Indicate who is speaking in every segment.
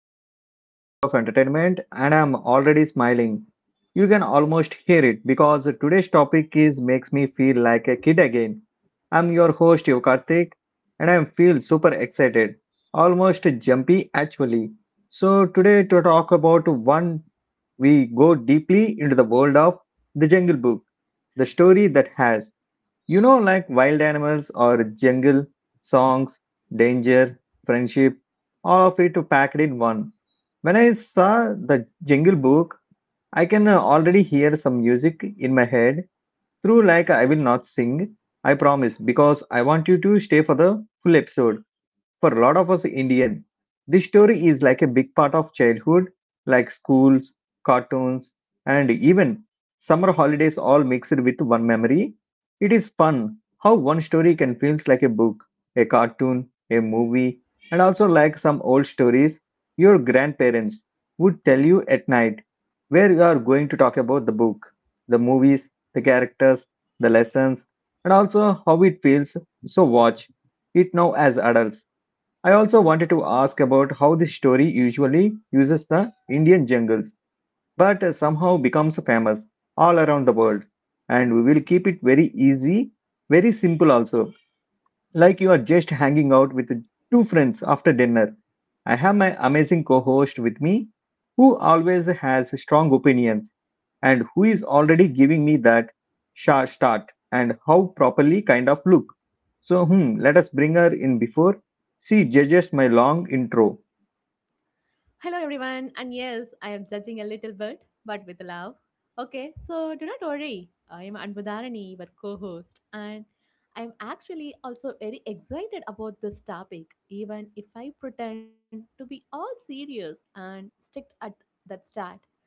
Speaker 1: welcome back to another episode of Entertainment, and I'm already smiling. You can almost hear it because today's topic is makes me feel like a kid again. I'm your host Yokartik, and I feel super excited, almost jumpy actually. So today to talk about one, we go deeply into the world of the Jungle Book, the story that has. You know, like wild animals or jungle, songs, danger, friendship, all of it packed in one. When I saw the Jungle Book, I can already hear some music in my head through like I will not sing, I promise, because I want you to stay for the full episode for a lot of us Indian, this story is like a big part of childhood, like schools, cartoons, and even summer holidays all mixed with one memory. It is fun how one story can feel like a book, a cartoon, a movie, and also like some old stories your grandparents would tell you at night, where you are going to talk about the book, the movies, the characters, the lessons, and also how it feels. So, watch it now as adults I also wanted to ask about how this story usually uses the Indian jungles, but somehow becomes famous all around the world. And we will keep it very easy, very simple also like you are just hanging out with two friends after dinner. I have my amazing co host with me, who always has strong opinions and who is already giving me that sharp start and how properly kind of look. So, let us bring her in before she judges my long intro.
Speaker 2: Hello, everyone. And yes, I am judging a little bit, but with love. Okay, so do not worry. I am Anbudharani, your co host, and I am actually also very excited about this topic, even if I pretend to be all serious and strict at that start.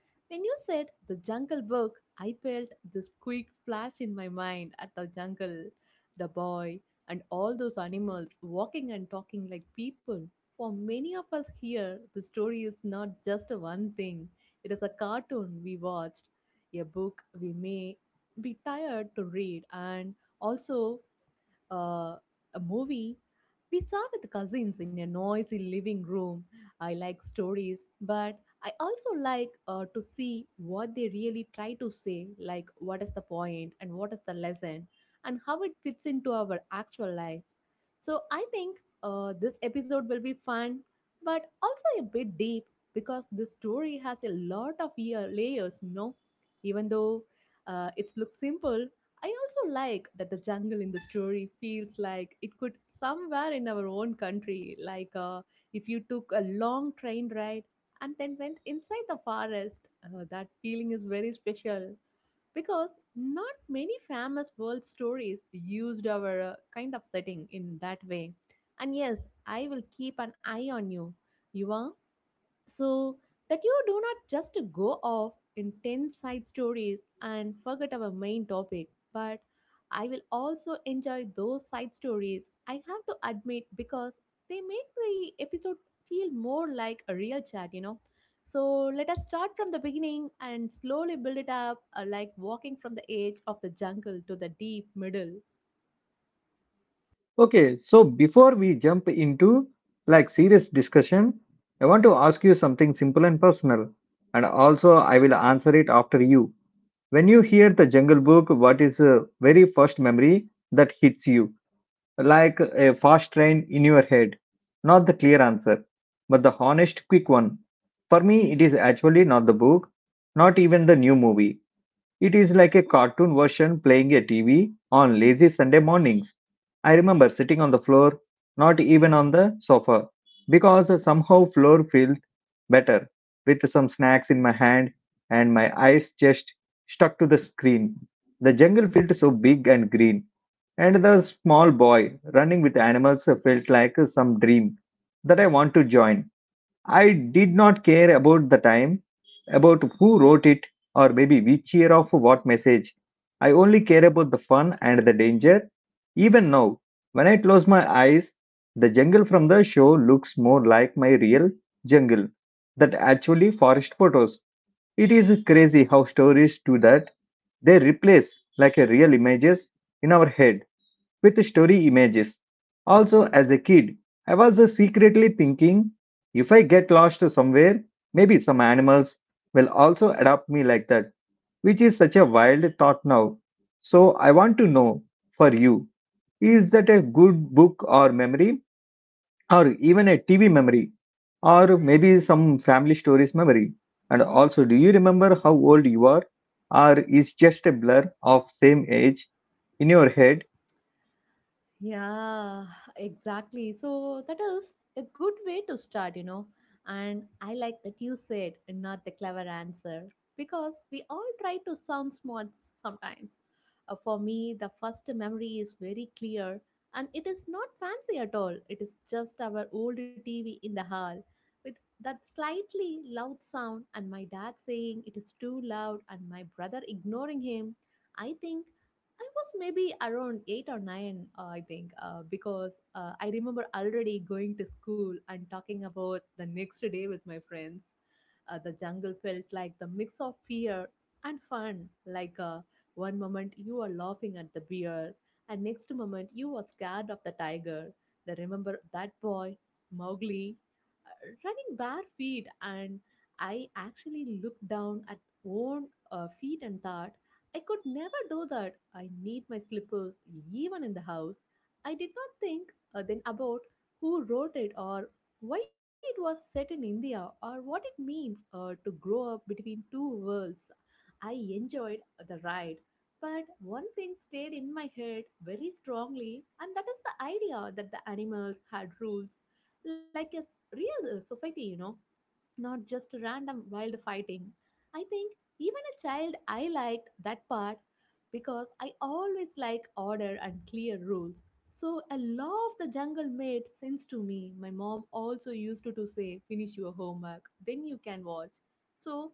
Speaker 2: When you said the jungle book, I felt this quick flash in my mind at the jungle, the boy, and all those animals walking and talking like people. For many of us here, the story is not just one thing. It is a cartoon we watched, a book we may be tired to read, and also uh, a movie we saw with cousins in a noisy living room. I like stories, but I also like to see what they really try to say, like what is the point and what is the lesson, and how it fits into our actual life. So I think this episode will be fun, but also a bit deep because this story has a lot of year layers. You know, even though it looks simple, I also like that the jungle in the story feels like it could somewhere in our own country. Like if you took a long train ride and then went inside the forest, that feeling is very special because not many famous world stories used our kind of setting in that way. And yes, I will keep an eye on you. You Yuva, so that you do not just go off in 10 side stories and forget our main topic, but I will also enjoy those side stories. I have to admit, because they make the episode feel more like a real chat. So let us start from the beginning and slowly build it up like walking from the edge of the jungle to the deep middle.
Speaker 1: Okay, so before we jump into like serious discussion, I want to ask you something simple and personal, and also I will answer it after you. When you hear the Jungle Book, what is the very first memory that hits you? Like a fast train in your head. Not the clear answer, but the honest, quick one. For me, it is actually not the book, not even the new movie. It is like a cartoon version playing a TV on lazy Sunday mornings. I remember sitting on the floor, not even on the sofa, because somehow floor felt better with some snacks in my hand and my eyes just stuck to the screen. The jungle felt so big and green, and the small boy running with animals felt like some dream that I want to join. I did not care about the time, about who wrote it, or maybe which year of what message. I only care about the fun and the danger. Even now, when I close my eyes, the jungle from the show looks more like my real jungle that actually forest photos. It is crazy how stories do that. They replace like a real images in our head with story images. Also, as a kid, I was secretly thinking if I get lost somewhere, maybe some animals will also adopt me like that, which is such a wild thought now. So, I want to know for you is that a good book or memory, or even a TV memory, or maybe some family stories memory? And
Speaker 2: Mm-hmm.
Speaker 1: also, do you remember how old you are, or is just a blur of same age in your head?
Speaker 2: Yeah, exactly. So that is a good way to start. And I like that you said not the clever answer because we all try to sound smart sometimes. For me, the first memory is very clear and it is not fancy at all. It is just our old TV in the hall with that slightly loud sound and my dad saying it is too loud and my brother ignoring him. I think I was maybe around eight or nine, I think, because I remember already going to school and talking about the next day with my friends. The jungle felt like the mix of fear and fun. Like one moment you are laughing at the bear, and next moment you are scared of the tiger. They remember that boy, Mowgli, running bare feet, and I actually looked down at own feet and thought I could never do that. I need my slippers, even in the house. I did not think then about who wrote it or why it was set in India or what it means to grow up between two worlds. I enjoyed the ride, but one thing stayed in my head very strongly, and that is the idea that the animals had rules, like a real society, not just random wild fighting. I think even a child, I liked that part because I always like order and clear rules. So a law of the jungle made sense to me. My mom also used to, say, finish your homework, then you can watch. So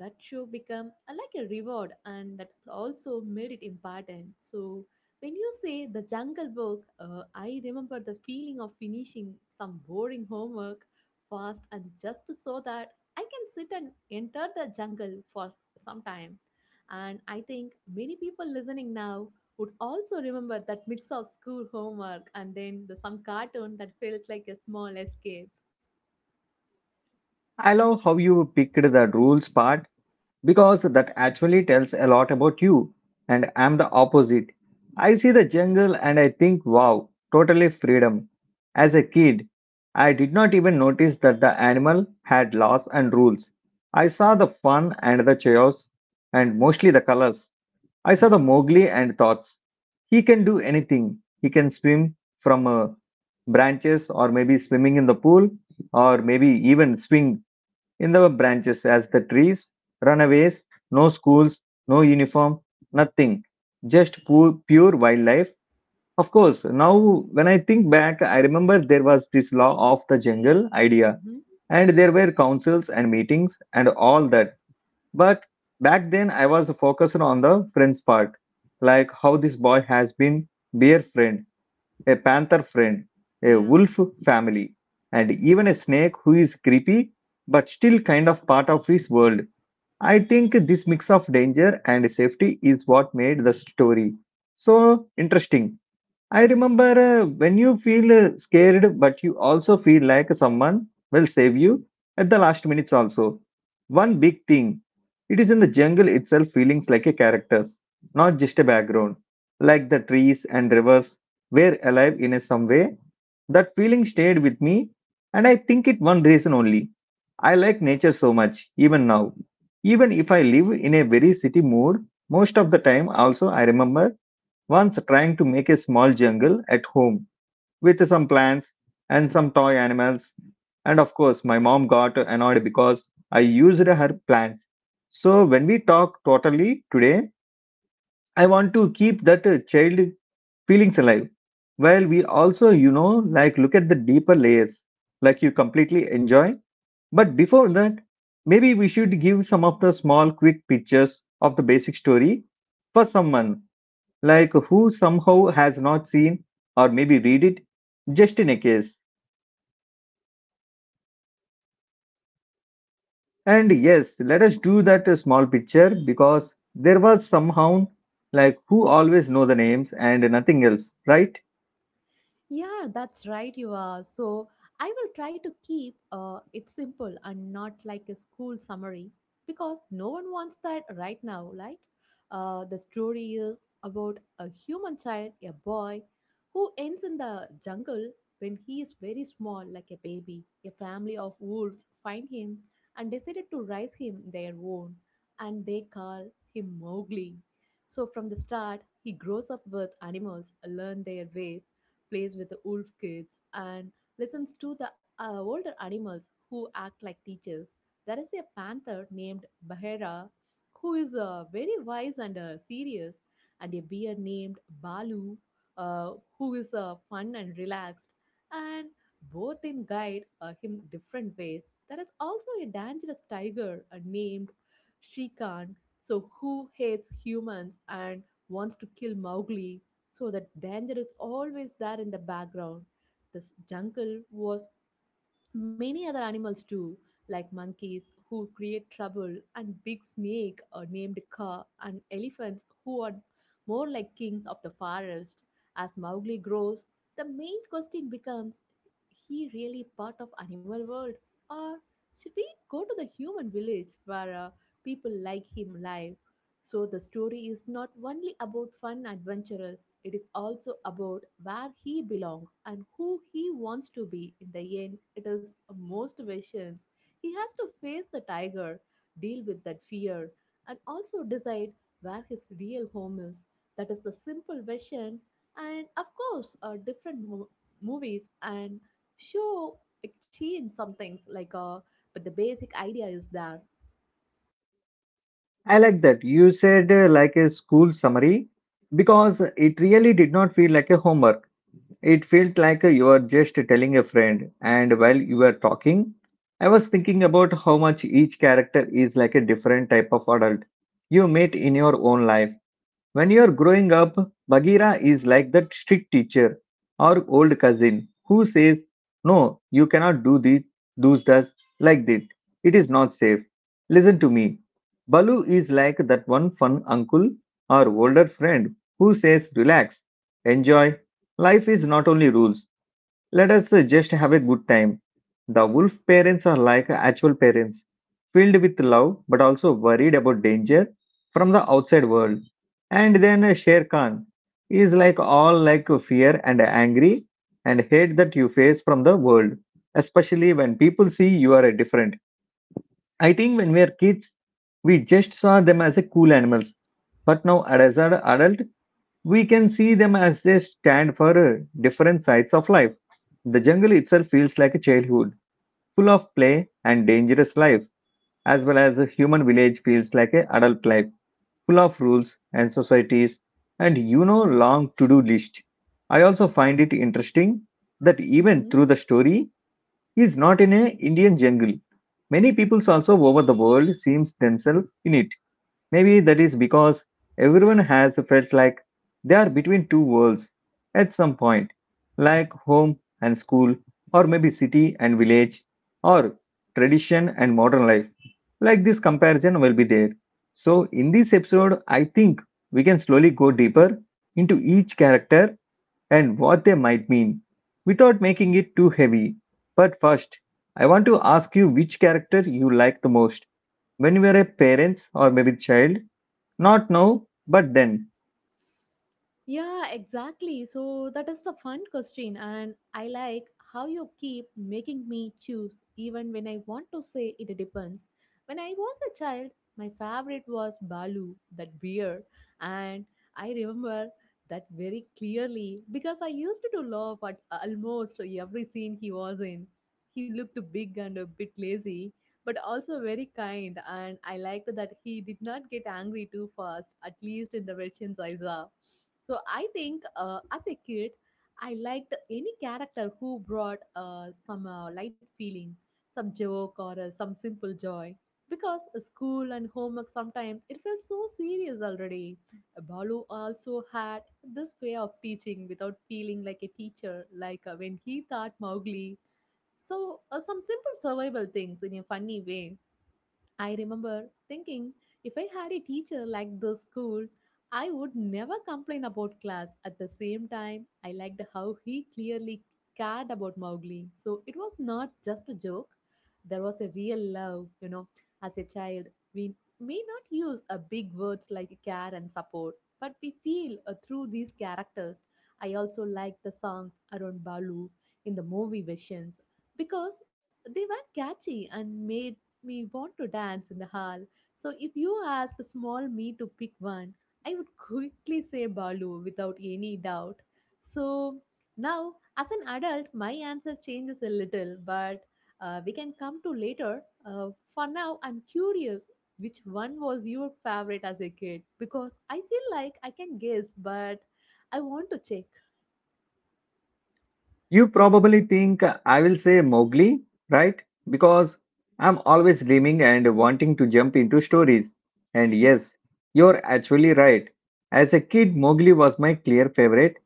Speaker 2: that show become like a reward and that also made it important. So when you say the jungle book, I remember the feeling of finishing some boring homework fast and just so that I can sit and enter the jungle for some time. And I think many people listening now would also remember that mix of school homework and then the, some cartoon that felt like a small escape.
Speaker 1: I love how you picked the rules part because that actually tells a lot about you. And I'm the opposite. I see the jungle and I think, wow, totally freedom. As a kid, I did not even notice that the animal had laws and rules. I saw the fun and the chaos and mostly the colors. I saw the Mowgli and thoughts. He can do anything. He can swim from branches or maybe swimming in the pool or maybe even swing in the branches as the trees, runaways, no schools, no uniform, nothing. Just pure wildlife. Of course, now when I think back, I remember there was this law of the jungle idea,
Speaker 2: Hmm.
Speaker 1: and there were councils and meetings and all that. But back then, I was focused on the friends part, like how this boy has been dear friend a panther friend, a
Speaker 2: Yeah.
Speaker 1: wolf family, and even a snake who is creepy but still kind of part of his world. I think this mix of danger and safety is what made the story so interesting. I remember when you feel scared, but you also feel like someone will save you at the last minutes also. One big thing, it is in the jungle itself feelings like a characters, not just a background, like the trees and rivers were alive in a some way. That feeling stayed with me, and I think it one reason only. I like nature so much, even now. Even if I live in a very city mood, most of the time also I remember once trying to make a small jungle at home with some plants and some toy animals. And of course, my mom got annoyed because I used her plants. So, when we talk totally today, I want to keep that child feelings alive. While we also, you know, like look at the deeper layers, like you completely enjoy. But before that, maybe we should give some of the small, quick pictures of the basic story for someone like who somehow has not seen or maybe read it just in a case. And yes, let us do that small picture, because there was somehow like who always know the names and nothing else, right?
Speaker 2: Yeah, that's right, you are. So I will try to keep it simple and not like a school summary because no one wants that right now, right? The story is about a human child, a boy, who ends in the jungle when he is very small, like a baby. A family of wolves find him and decided to raise him their own, and they call him Mowgli. So from the start, he grows up with animals, learn their ways, plays with the wolf kids, and listens to the older animals who act like teachers. There is a panther named Bahera who is very wise and serious, and a bear named Balu uh, who is fun and relaxed. And both them guide him different ways. There is also a dangerous tiger named Shrikant, so who hates humans and wants to kill Mowgli, so the danger is always there in the background. This jungle was many other animals too, like monkeys who create trouble and big snake named Ka and elephants who are more like kings of the forest. As Mowgli grows, the main question becomes he really part of animal world or should we go to the human village where people like him live, so the story is not only about fun adventurers, it is also about where he belongs and who he wants to be. In the end, it is most visions. He has to face the tiger, deal with that fear, and also decide where his real home is. That is the simple version. And of course, different movies and show change some things like but the basic idea is there.
Speaker 1: I like that you said like a school summary, because it really did not feel like a homework. It felt like you were just telling a friend. And while you were talking, I was thinking about how much each character is like a different type of adult you meet in your own life. When you're growing up, Bagheera is like that strict teacher or old cousin who says, "No, you cannot do this, do this like that. It is not safe. Listen to me." Balu is like that one fun uncle or older friend who says, "Relax, enjoy. Life is not only rules, let us just have a good time." The wolf parents are like actual parents, filled with love but also worried about danger from the outside world. And then Sher Khan is like all like fear and angry and hate that you face from the world, especially when people see you are different. I think when we are kids, we just saw them as a cool animals, but now as an adult, we can see them as they stand for different sides of life. The jungle itself feels like a childhood, full of play and dangerous life, as well as a human village feels like an adult life, full of rules and societies and, you know, long to-do list. I also find it interesting that even
Speaker 2: Mm-hmm.
Speaker 1: through the story he is not in a Indian jungle. Many peoples also over the world seems themselves in it. Maybe that is because everyone has felt like they are between two worlds at some point, like home and school, or maybe city and village, or tradition and modern life. Like this comparison will be there. So, in this episode, I think we can slowly go deeper into each character and what they might mean without making it too heavy. But first, I want to ask you which character you like the most when you were a parent or maybe child, not now, but then.
Speaker 2: Yeah, exactly. So that is the fun question, and I like how you keep making me choose even when I want to say it depends. When I was a child, my favorite was Balu, that beer, and I remember that very clearly because I used to laugh at almost every scene he was in. He looked big and a bit lazy, but also very kind, and I liked that he did not get angry too fast, at least in the versions I saw, so I think as a kid, I liked any character who brought some light feeling, some joke or some simple joy. Because school and homework sometimes it felt so serious already. Balu also had this way of teaching without feeling like a teacher, like when he taught Mowgli. So some simple survival things in a funny way. I remember thinking if I had a teacher like this school, I would never complain about class. At the same time, I liked how he clearly cared about Mowgli. So it was not just a joke, there was a real love. As a child, we may not use a big words like care and support, but we feel through these characters. I also liked the songs around Balu in the movie versions because they were catchy and made me want to dance in the hall. So if you asked small me to pick one, I would quickly say Balu without any doubt. So now, as an adult, my answer changes a little, but we can come to later. For now, I'm curious which one was your favorite as a kid because I feel like I can guess, but I want to check.
Speaker 1: You probably think I will say Mowgli, right? Because I'm always dreaming and wanting to jump into stories. And yes, you're actually right. As a kid, Mowgli was my clear favorite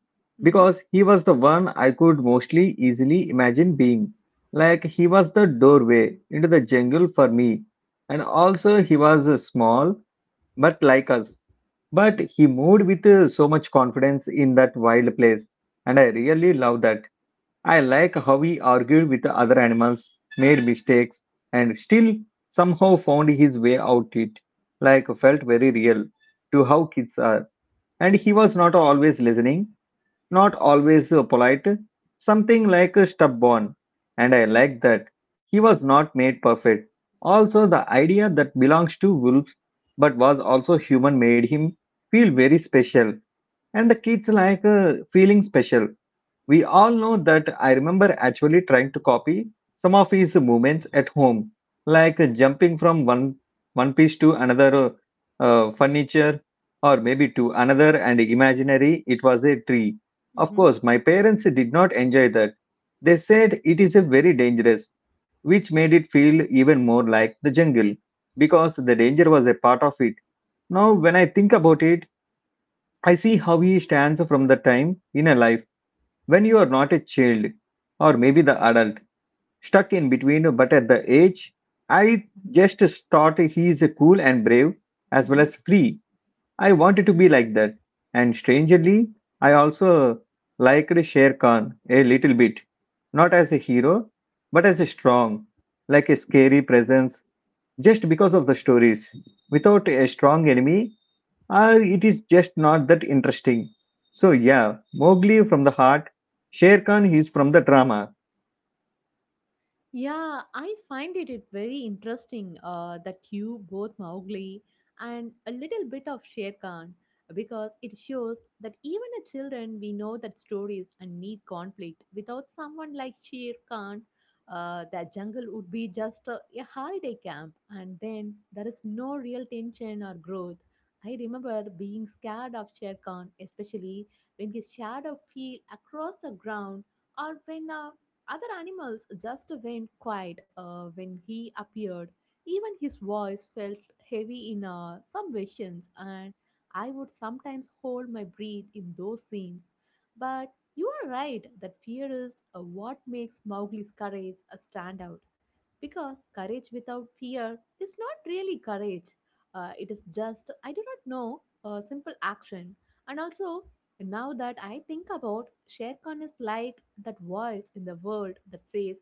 Speaker 2: Mm-hmm,
Speaker 1: because he was the one I could mostly easily imagine being. Like he was the doorway into the jungle for me. And also, he was small but like us. But he moved with so much confidence in that wild place, and I really love that. I like how he argued with the other animals, made mistakes, and still somehow found his way out it. Like felt very real to how kids are. And he was not always listening, not always polite, something like a stubborn, and I like that. He was not made perfect. Also, the idea that belongs to wolves but was also human made him feel very special, and the kids like feeling special. We all know that I remember actually trying to copy some of his movements at home, like jumping from one piece to another furniture or maybe to another and imaginary it was a tree. Of
Speaker 2: mm-hmm,
Speaker 1: course, my parents did not enjoy that. They said it is a very dangerous, which made it feel even more like the jungle because the danger was a part of it. Now, when I think about it, I see how he stands from the time in a life when you are not a child or maybe the adult stuck in between, but at the age I just thought he is cool and brave as well
Speaker 2: mm-hmm.
Speaker 1: as free. I wanted to be like that, and strangely I also liked Sher Khan a little bit, not as a hero but as a strong, like a scary presence, just because of the stories without a strong enemy it is just not that interesting. So, yeah, Mowgli from the heart, Sher Khan is from the drama.
Speaker 2: Yeah, I find it very interesting that you both Mowgli and a little bit of Shere Khan because it shows that even a children we know that stories and need conflict. Without someone like Shere Khan, that jungle would be just a, holiday camp, and then there is no real tension or growth. I remember being scared of Shere Khan, especially when his shadow fell across the ground or when a other animals just went quiet when he appeared. Even his voice felt heavy in some versions, and I would sometimes hold my breath in those scenes. But you are right that fear is what makes Mowgli's courage stand out. Because courage without fear is not really courage. It is just, I do not know, a simple action. And also, now that I think about, ShareCon is like that voice in the world that says,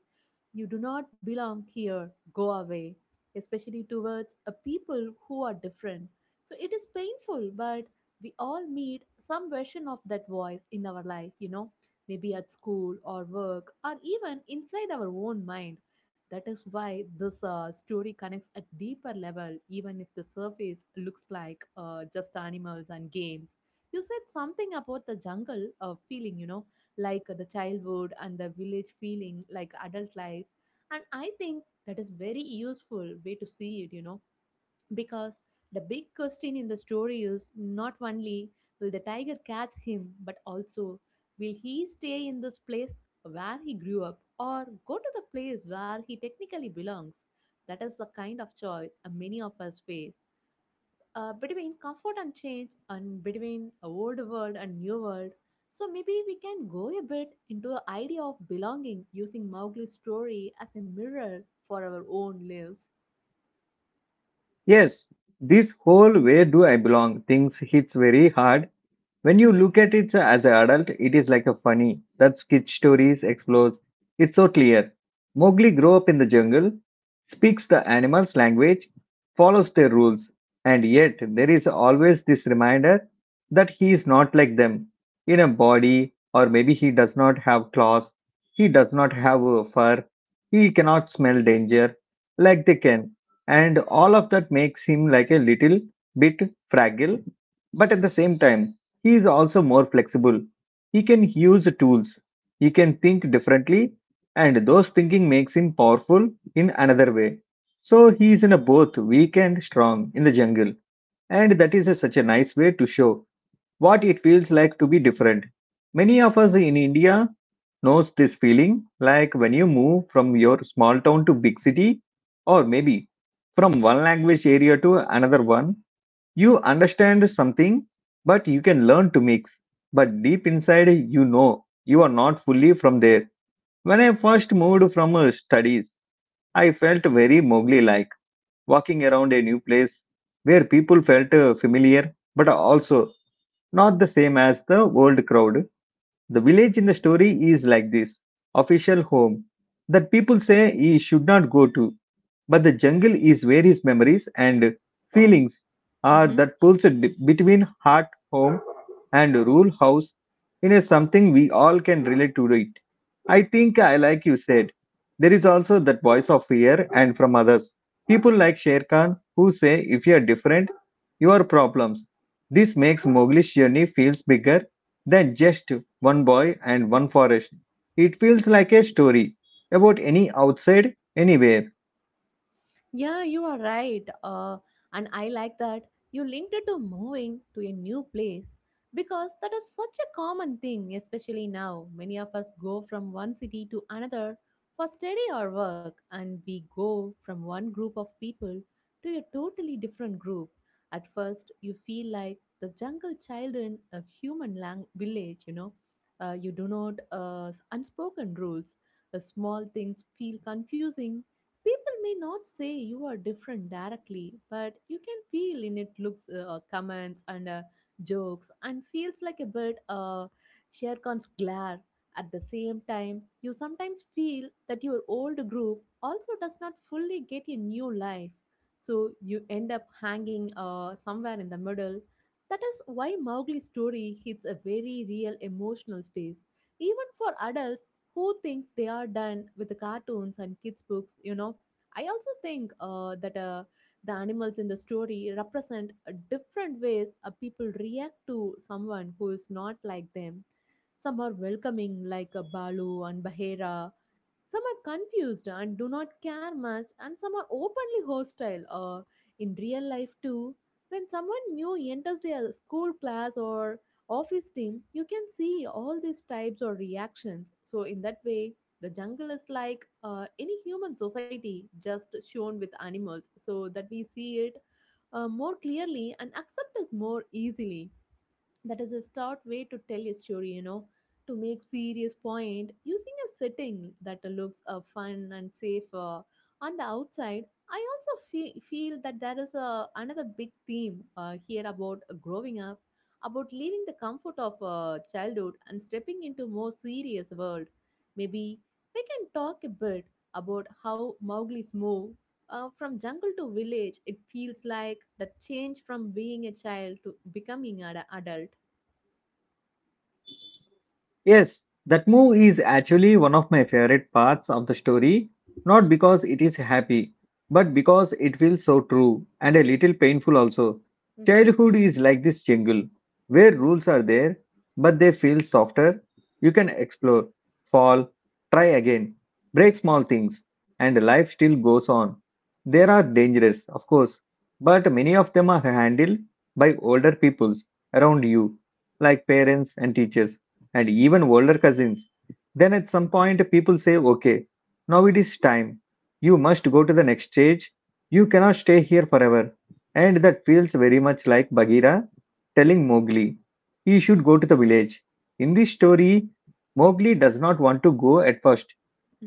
Speaker 2: you do not belong here, go away, especially towards a people who are different. So it is painful, but we all meet some version of that voice in our life, maybe at school or work or even inside our own mind. That is why this story connects at deeper level, even if the surface looks like just animals and games. You said something about the jungle feeling, like the childhood and the village feeling, like adult life. And I think that is very useful way to see it, you know, because the big question in the story is not only will the tiger catch him, but also will he stay in this place where he grew up or go to the place where he technically belongs? That is the kind of choice many of us face between comfort and change and between old world and new world. So maybe we can go a bit into the idea of belonging using Mowgli's story as a mirror for our own lives.
Speaker 1: Yes, this whole where do I belong things hits very hard. When you look at it as an adult, it is like a funny that kid stories explores. It's so clear. Mowgli grew up in the jungle, speaks the animals' language, follows their rules, and yet there is always this reminder that he is not like them in a body, or maybe he does not have claws, he does not have a fur, he cannot smell danger like they can, and all of that makes him like a little bit fragile, but at the same time he is also more flexible. He can use tools. He can think differently, and those thinking makes him powerful in another way. So he is in a both weak and strong in the jungle, and that is such a nice way to show what it feels like to be different. Many of us in India knows this feeling, like when you move from your small town to big city, or maybe from one language area to another one, you understand something, but you can learn to mix. But deep inside, you know you are not fully from there. When I first moved from studies, I felt very Mowgli like, walking around a new place where people felt familiar but also not the same as the old crowd. The village in the story is like this official home that people say he should not go to, but the jungle is where his memories and feelings are that pulls between heart, home, and rural house in a something we all can relate to it. I think I like you said. There is also that voice of fear and from others. People like Sher Khan who say if you are different, you are problems. This makes Mowgli's journey feels bigger than just one boy and one forest. It feels like a story about any outside anywhere.
Speaker 2: Yeah, you are right. And I like that you linked it to moving to a new place because that is such a common thing, especially now. Many of us go from one city to another for study or work, and we go from one group of people to a totally different group. At first, you feel like the jungle child in a village, you know. You do not unspoken rules. The small things feel confusing. People may not say you are different directly, but you can feel in it looks, comments, and jokes, and feels like a bit Sherkan's glare. At the same time, you sometimes feel that your old group also does not fully get a new life. So you end up hanging somewhere in the middle. That is why Mowgli's story hits a very real emotional space, even for adults who think they are done with the cartoons and kids books, you know. I also think that the animals in the story represent different ways people react to someone who is not like them. Some are welcoming like Balu and Bahera, some are confused and do not care much, and some are openly hostile. Or in real life too, when someone new enters their school class or office team, you can see all these types of reactions. So in that way, the jungle is like any human society, just shown with animals, so that we see it more clearly and accept it more easily. That is a stout way to tell a story, you know, to make serious point using a setting that looks fun and safe on the outside. I also feel that there is a, another big theme here about growing up, about leaving the comfort of childhood and stepping into more serious world. Maybe we can talk a bit about how Mowgli's move from jungle to village, it feels like the change from being a child to becoming an adult.
Speaker 1: Yes, that move is actually one of my favorite parts of the story, not because it is happy, but because it feels so true and a little painful also.
Speaker 2: Mm-hmm,
Speaker 1: Childhood is like this jungle where rules are there, but they feel softer. You can explore, fall, try again, break small things, and life still goes on. There are dangerous, of course, but many of them are handled by older peoples around you, like parents and teachers and even older cousins. Then at some point, people say, okay, now it is time. You must go to the next stage. You cannot stay here forever. And that feels very much like Bagheera telling Mowgli he should go to the village. In this story, Mowgli does not want to go at first,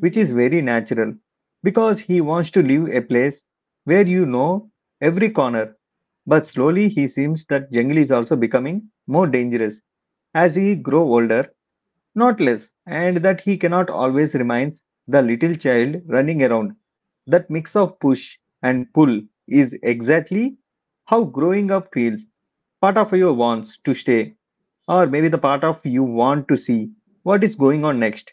Speaker 1: which is very natural because he wants to live a place where you know every corner. But slowly, he seems that jungle is also becoming more dangerous as he grow older, not less, and that he cannot always reminds the little child running around. That mix of push and pull is exactly how growing up feels. Part of you wants to stay, or maybe the part of you want to see what is going on next.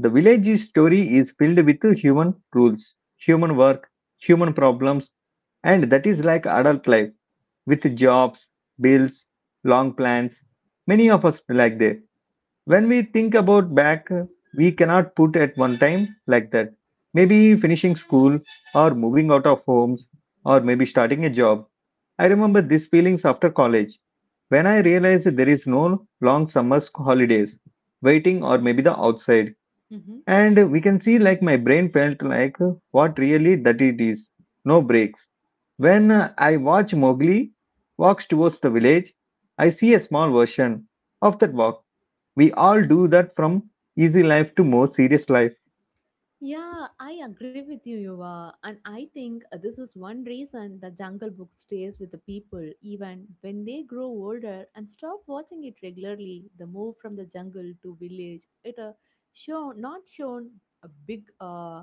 Speaker 1: The village story is filled with human rules, human work, human problems, and that is like adult life with jobs, bills, long plans. Many of us like that when we think about back, we cannot put at one time like that. Maybe finishing school, or moving out of homes, or maybe starting a job. I remember these feelings after college when I realized there is no long summer holidays waiting or maybe the outside.
Speaker 2: mm-hmm.
Speaker 1: And we can see like my brain felt like what really that it is. No breaks. When I watch Mowgli walks towards the village, I see a small version of that walk we all do that from easy life to more serious life.
Speaker 2: Yeah, I agree with you, Yuva. And I think this is one reason the Jungle Book stays with the people even when they grow older and stop watching it regularly. The move from the jungle to village, it shown not shown a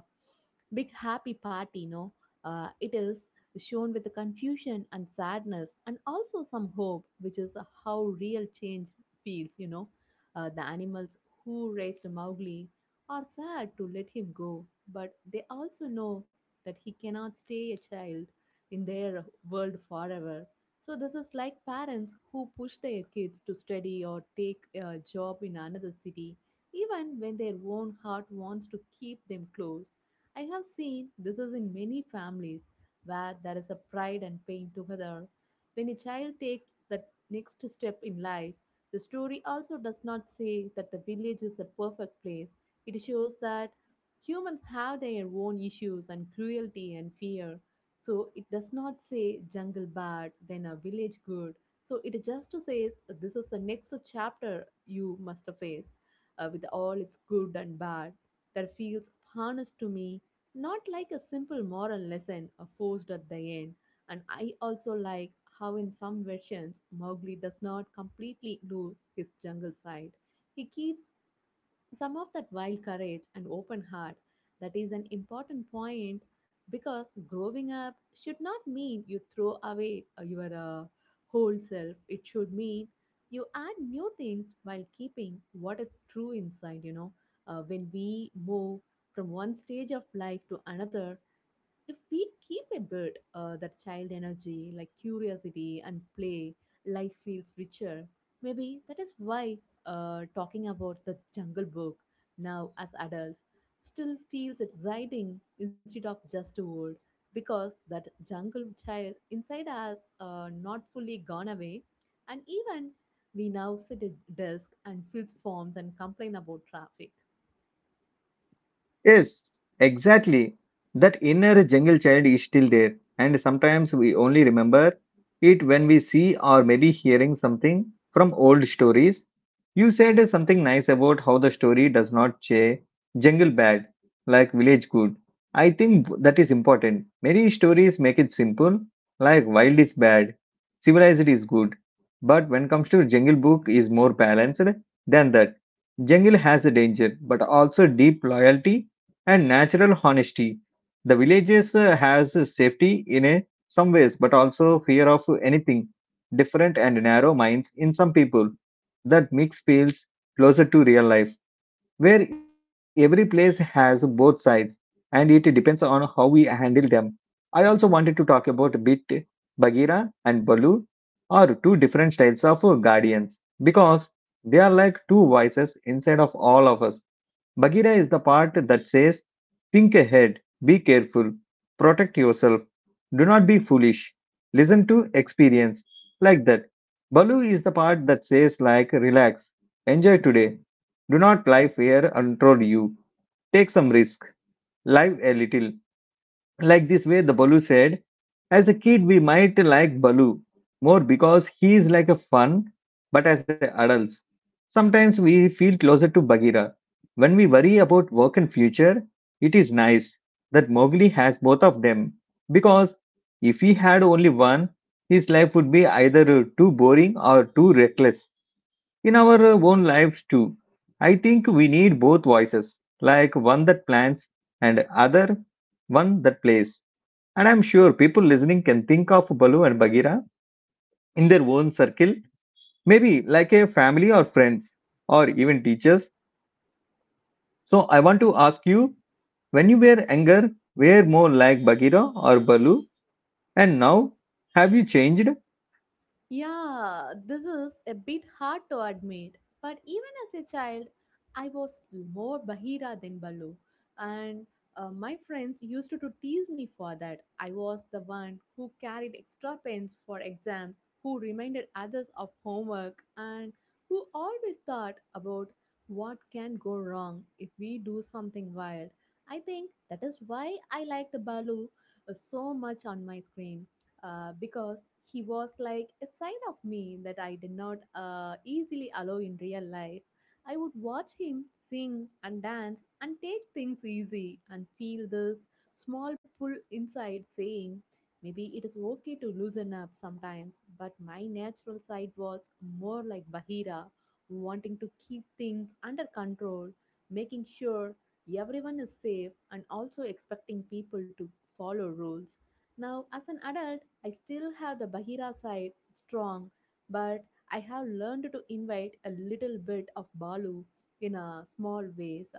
Speaker 2: big happy party, no. It is shown with the confusion and sadness and also some hope, which is how real change feels, you know. The animals who raised Mowgli are sad to let him go, but they also know that he cannot stay a child in their world forever. So, this is like parents who push their kids to study or take a job in another city, even when their own heart wants to keep them close. I have seen this is in many families where there is a pride and pain together. When a child takes that next step in life, the story also does not say that the village is a perfect place. It shows that humans have their own issues and cruelty and fear. So it does not say jungle bad, then a village good. So it just says this is the next chapter you must face with all its good and bad. That feels honest to me, not like a simple moral lesson forced at the end. And I also like how, in some versions, Mowgli does not completely lose his jungle side. He keeps some of that wild courage and open heart. That is an important point because growing up should not mean you throw away your whole self. It should mean you add new things while keeping what is true inside, you know. When we move from one stage of life to another, if we keep a bit that child energy, like curiosity and play, life feels richer. Maybe that is why talking about the Jungle Book now as adults still feels exciting instead of just old, because that jungle child inside us not fully gone away, and even we now sit at desk and fill forms and complain about traffic.
Speaker 1: Yes, exactly. That inner jungle child is still there, and sometimes we only remember it when we see or maybe hearing something from old stories. You said something nice about how the story does not say jungle bad, like village good. I think that is important. Many stories make it simple, like wild is bad, civilized is good. But when comes to jungle book is more balanced than that. Jungle has a danger, but also deep loyalty and natural honesty. The villages has safety in a, some ways, but also fear of anything different and narrow minds in some people. That mix feels closer to real life, where every place has both sides, and it depends on how we handle them. I also wanted to talk about a bit, Bagheera, and Balu are two different styles of guardians because they are like two voices inside of all of us. Bagheera is the part that says, think ahead, be careful, protect yourself, do not be foolish, listen to experience, like that. Balu is the part that says, like, relax, enjoy today, do not lie fear control you, take some risk, live a little, like this way the Balu said. As a kid we might like Balu more because he is like a fun, but as a adults sometimes we feel closer to Bagheera when we worry about work and future. It is nice that Mowgli has both of them, because if he had only one his life would be either too boring or too reckless. In our own lives too, I think we need both voices, like one that plans and other one that plays, and I'm sure people listening can think of Balu and Bagheera in their own circle, maybe like a family or friends, or even teachers. So I want to ask you, when you were younger, were more like Bagheera or Balu? And now, have you changed?
Speaker 2: Yeah, this is a bit hard to admit, but even as a child, I was more Bahira than Balu. And my friends used to tease me for that. I was the one who carried extra pens for exams, who reminded others of homework, and who always thought about what can go wrong if we do something wild. I think that is why I liked Balu so much on my screen because he was like a side of me that I did not easily allow in real life. I would watch him sing and dance and take things easy and feel this small pull inside saying, maybe it is okay to loosen up sometimes, but my natural side was more like Bahira, wanting to keep things under control, making sure everyone is safe, and also expecting people to follow rules. Now, as an adult, I still have the Bahira side strong, but I have learned to invite a little bit of Balu in a small ways.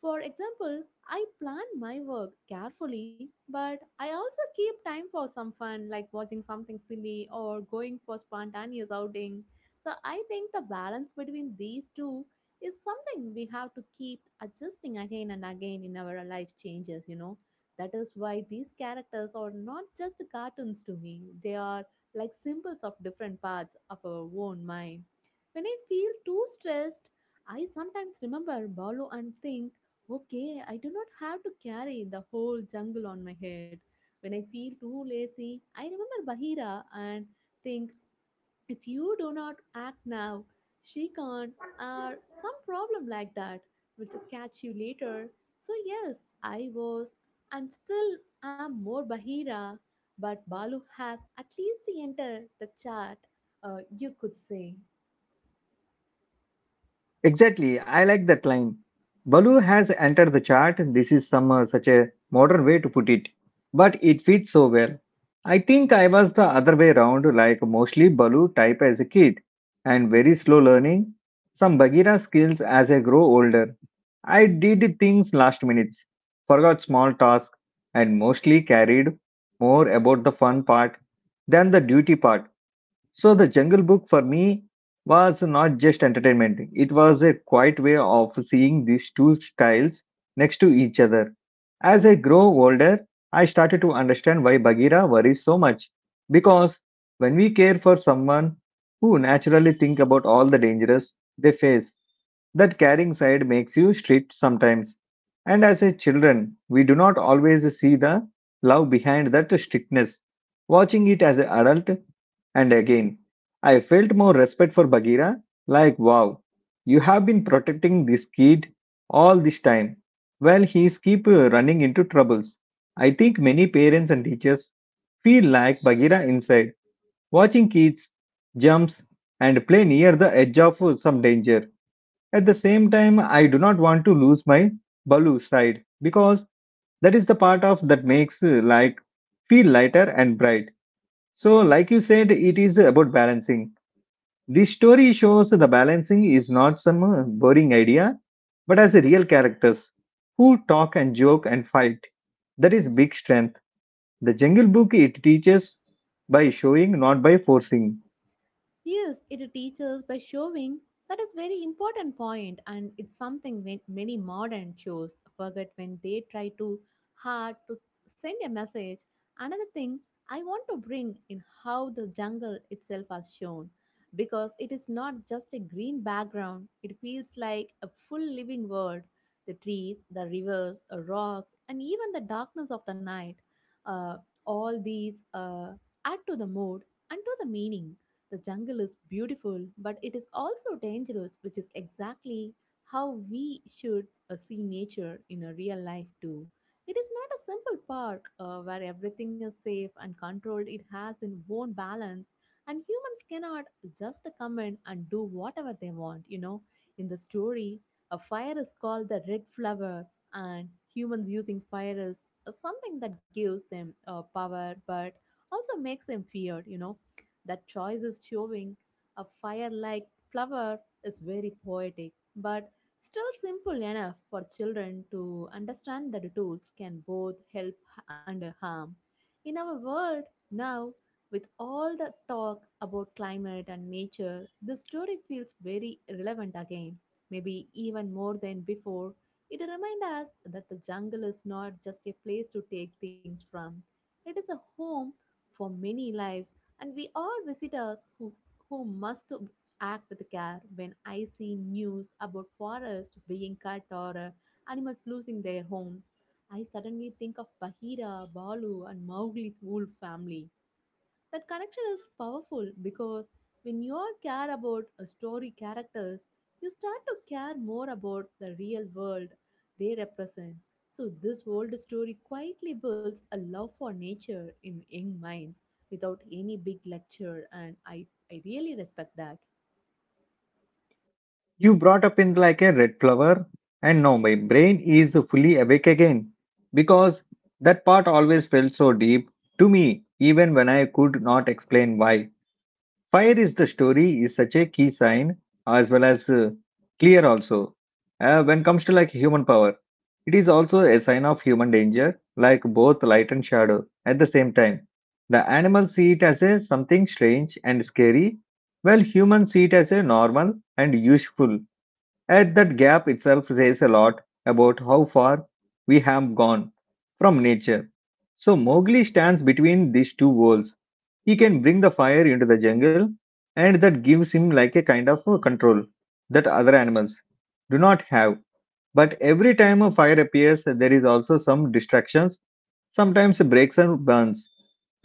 Speaker 2: For example, I plan my work carefully, but I also keep time for some fun like watching something silly or going for spontaneous outing. So I think the balance between these two is something we have to keep adjusting again and again in our life changes, you know. That is why these characters are not just cartoons to me, they are like symbols of different parts of our own mind. When I feel too stressed, I sometimes remember Balu and think, okay, I do not have to carry the whole jungle on my head. When I feel too lazy, I remember Bahira and think if you do not act now, she can't, or some problem like that will catch you later. So, yes, I was and still am more Bahira, but Balu has at least entered the chat, you could say.
Speaker 1: Exactly, I like that line. Baloo has entered the chart. This is some such a modern way to put it, but it fits so well. I think I was the other way around, like mostly Baloo type as a kid, and very slow learning some Bagheera skills as I grow older. I did things last minutes, forgot small tasks, and mostly carried more about the fun part than the duty part. So the Jungle Book for me was not just entertainment. It was a quiet way of seeing these two styles next to each other. As I grow older, I started to understand why Bagheera worries so much. Because when we care for someone who naturally think about all the dangers they face, that caring side makes you strict sometimes. And as a children, we do not always see the love behind that strictness. Watching it as an adult and again, I felt more respect for Bagheera, like, wow, you have been protecting this kid all this time. Well, he's keep running into troubles. I think many parents and teachers feel like Bagheera inside, watching kids jumps and play near the edge of some danger. At the same time, I do not want to lose my Balu side because that is the part of that makes like feel lighter and bright. So like you said, it is about balancing. This story shows the balancing is not some boring idea, but as real characters who talk and joke and fight. That is big strength. The Jungle Book it teaches by showing, not by forcing.
Speaker 2: Yes, it teaches by showing. That is very important point and it's something when many modern shows forget when they try too hard to send a message. Another thing I want to bring in how the jungle itself is shown because it is not just a green background, it feels like a full living world. The trees, the rivers, rocks, and even the darkness of the night. Uh, all these add to the mood and to the meaning. The jungle is beautiful, but it is also dangerous, which is exactly how we should see nature in a real life too. It is not a simple park where everything is safe and controlled. It has its own balance, and humans cannot just come in and do whatever they want. You know, in the story, a fire is called the red flower, and humans using fire is something that gives them power, but also makes them feared. You know, that choice is showing a fire like flower is very poetic, but still simple enough for children to understand that tools can both help and harm. In our world now, with all the talk about climate and nature, the story feels very relevant again, maybe even more than before. It reminds us that the jungle is not just a place to take things from, it is a home for many lives and we are visitors who must act with care. When I see news about forests being cut or animals losing their homes. I suddenly think of Bahira, Balu, and Mowgli's whole family. That connection is powerful because when you all care about a story characters, you start to care more about the real world they represent. So this old story quietly builds a love for nature in young minds without any big lecture and I really respect that.
Speaker 1: You brought up in like a red flower, and now my brain is fully awake again because that part always felt so deep to me, even when I could not explain why. Fire is the story is such a key sign as well as clear also. When comes to like human power, it is also a sign of human danger, like both light and shadow at the same time. The animals see it as a something strange and scary, while humans see it as a normal and useful. And that gap itself says a lot about how far we have gone from nature. So Mowgli stands between these two worlds. He can bring the fire into the jungle, and that gives him like a kind of a control that other animals do not have. But every time a fire appears, there is also some distractions, sometimes breaks and burns,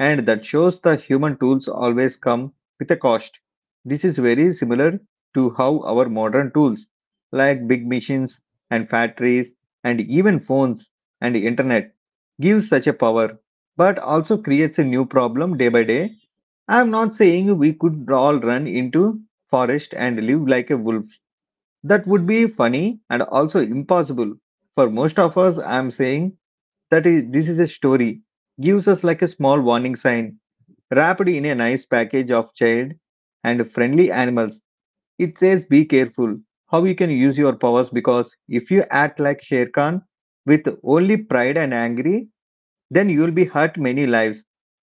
Speaker 1: and that shows the human tools always come with a cost. This is very similar to how our modern tools like big machines and factories and even phones and internet gives such a power but also creates a new problem day by day. I am not saying we could all run into forest and live like a wolf. That would be funny and also impossible for most of us. I am saying this is a story gives us like a small warning sign wrapped in a nice package of child and friendly animals. It says be careful how you can use your powers because if you act like Sher Khan with only pride and angry, then you'll be hurt many lives.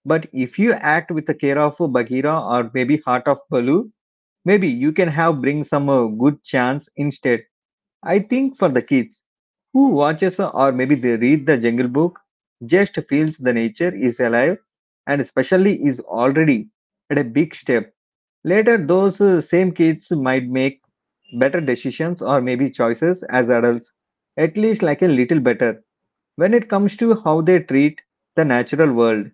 Speaker 1: But if you act with the care of Bagheera or maybe Heart of Balu, maybe you can have bring some good chance instead. I think for the kids who watches or maybe they read the Jungle Book, just feels the nature is alive and especially is already at a big step. Later, those same kids might make better decisions or maybe choices as adults, at least like a little better when it comes to how they treat the natural world.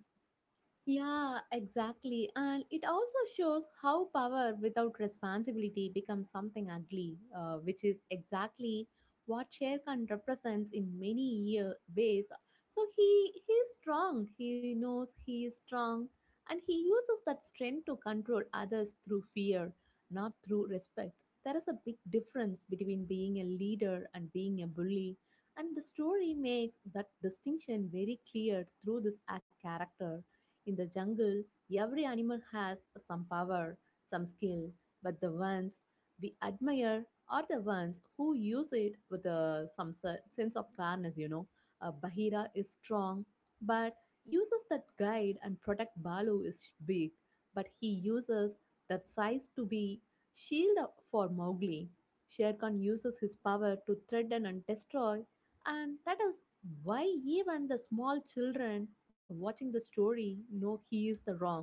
Speaker 2: Yeah, exactly. And it also shows how power without responsibility becomes something ugly, which is exactly what Sher Khan represents in many year ways. So he is strong. He knows he is strong, and he uses that strength to control others through fear, not through respect. There is a big difference between being a leader and being a bully, and the story makes that distinction very clear through this character. In the jungle, every animal has some power, some skill, but the ones we admire are the ones who use it with sense of fairness, you know. Bahira is strong, but uses that guide and protect Balu is big, but he uses that size to be shield for Mowgli. Shere Khan uses his power to threaten and destroy, and that is why even the small children watching the story know he is the wrong,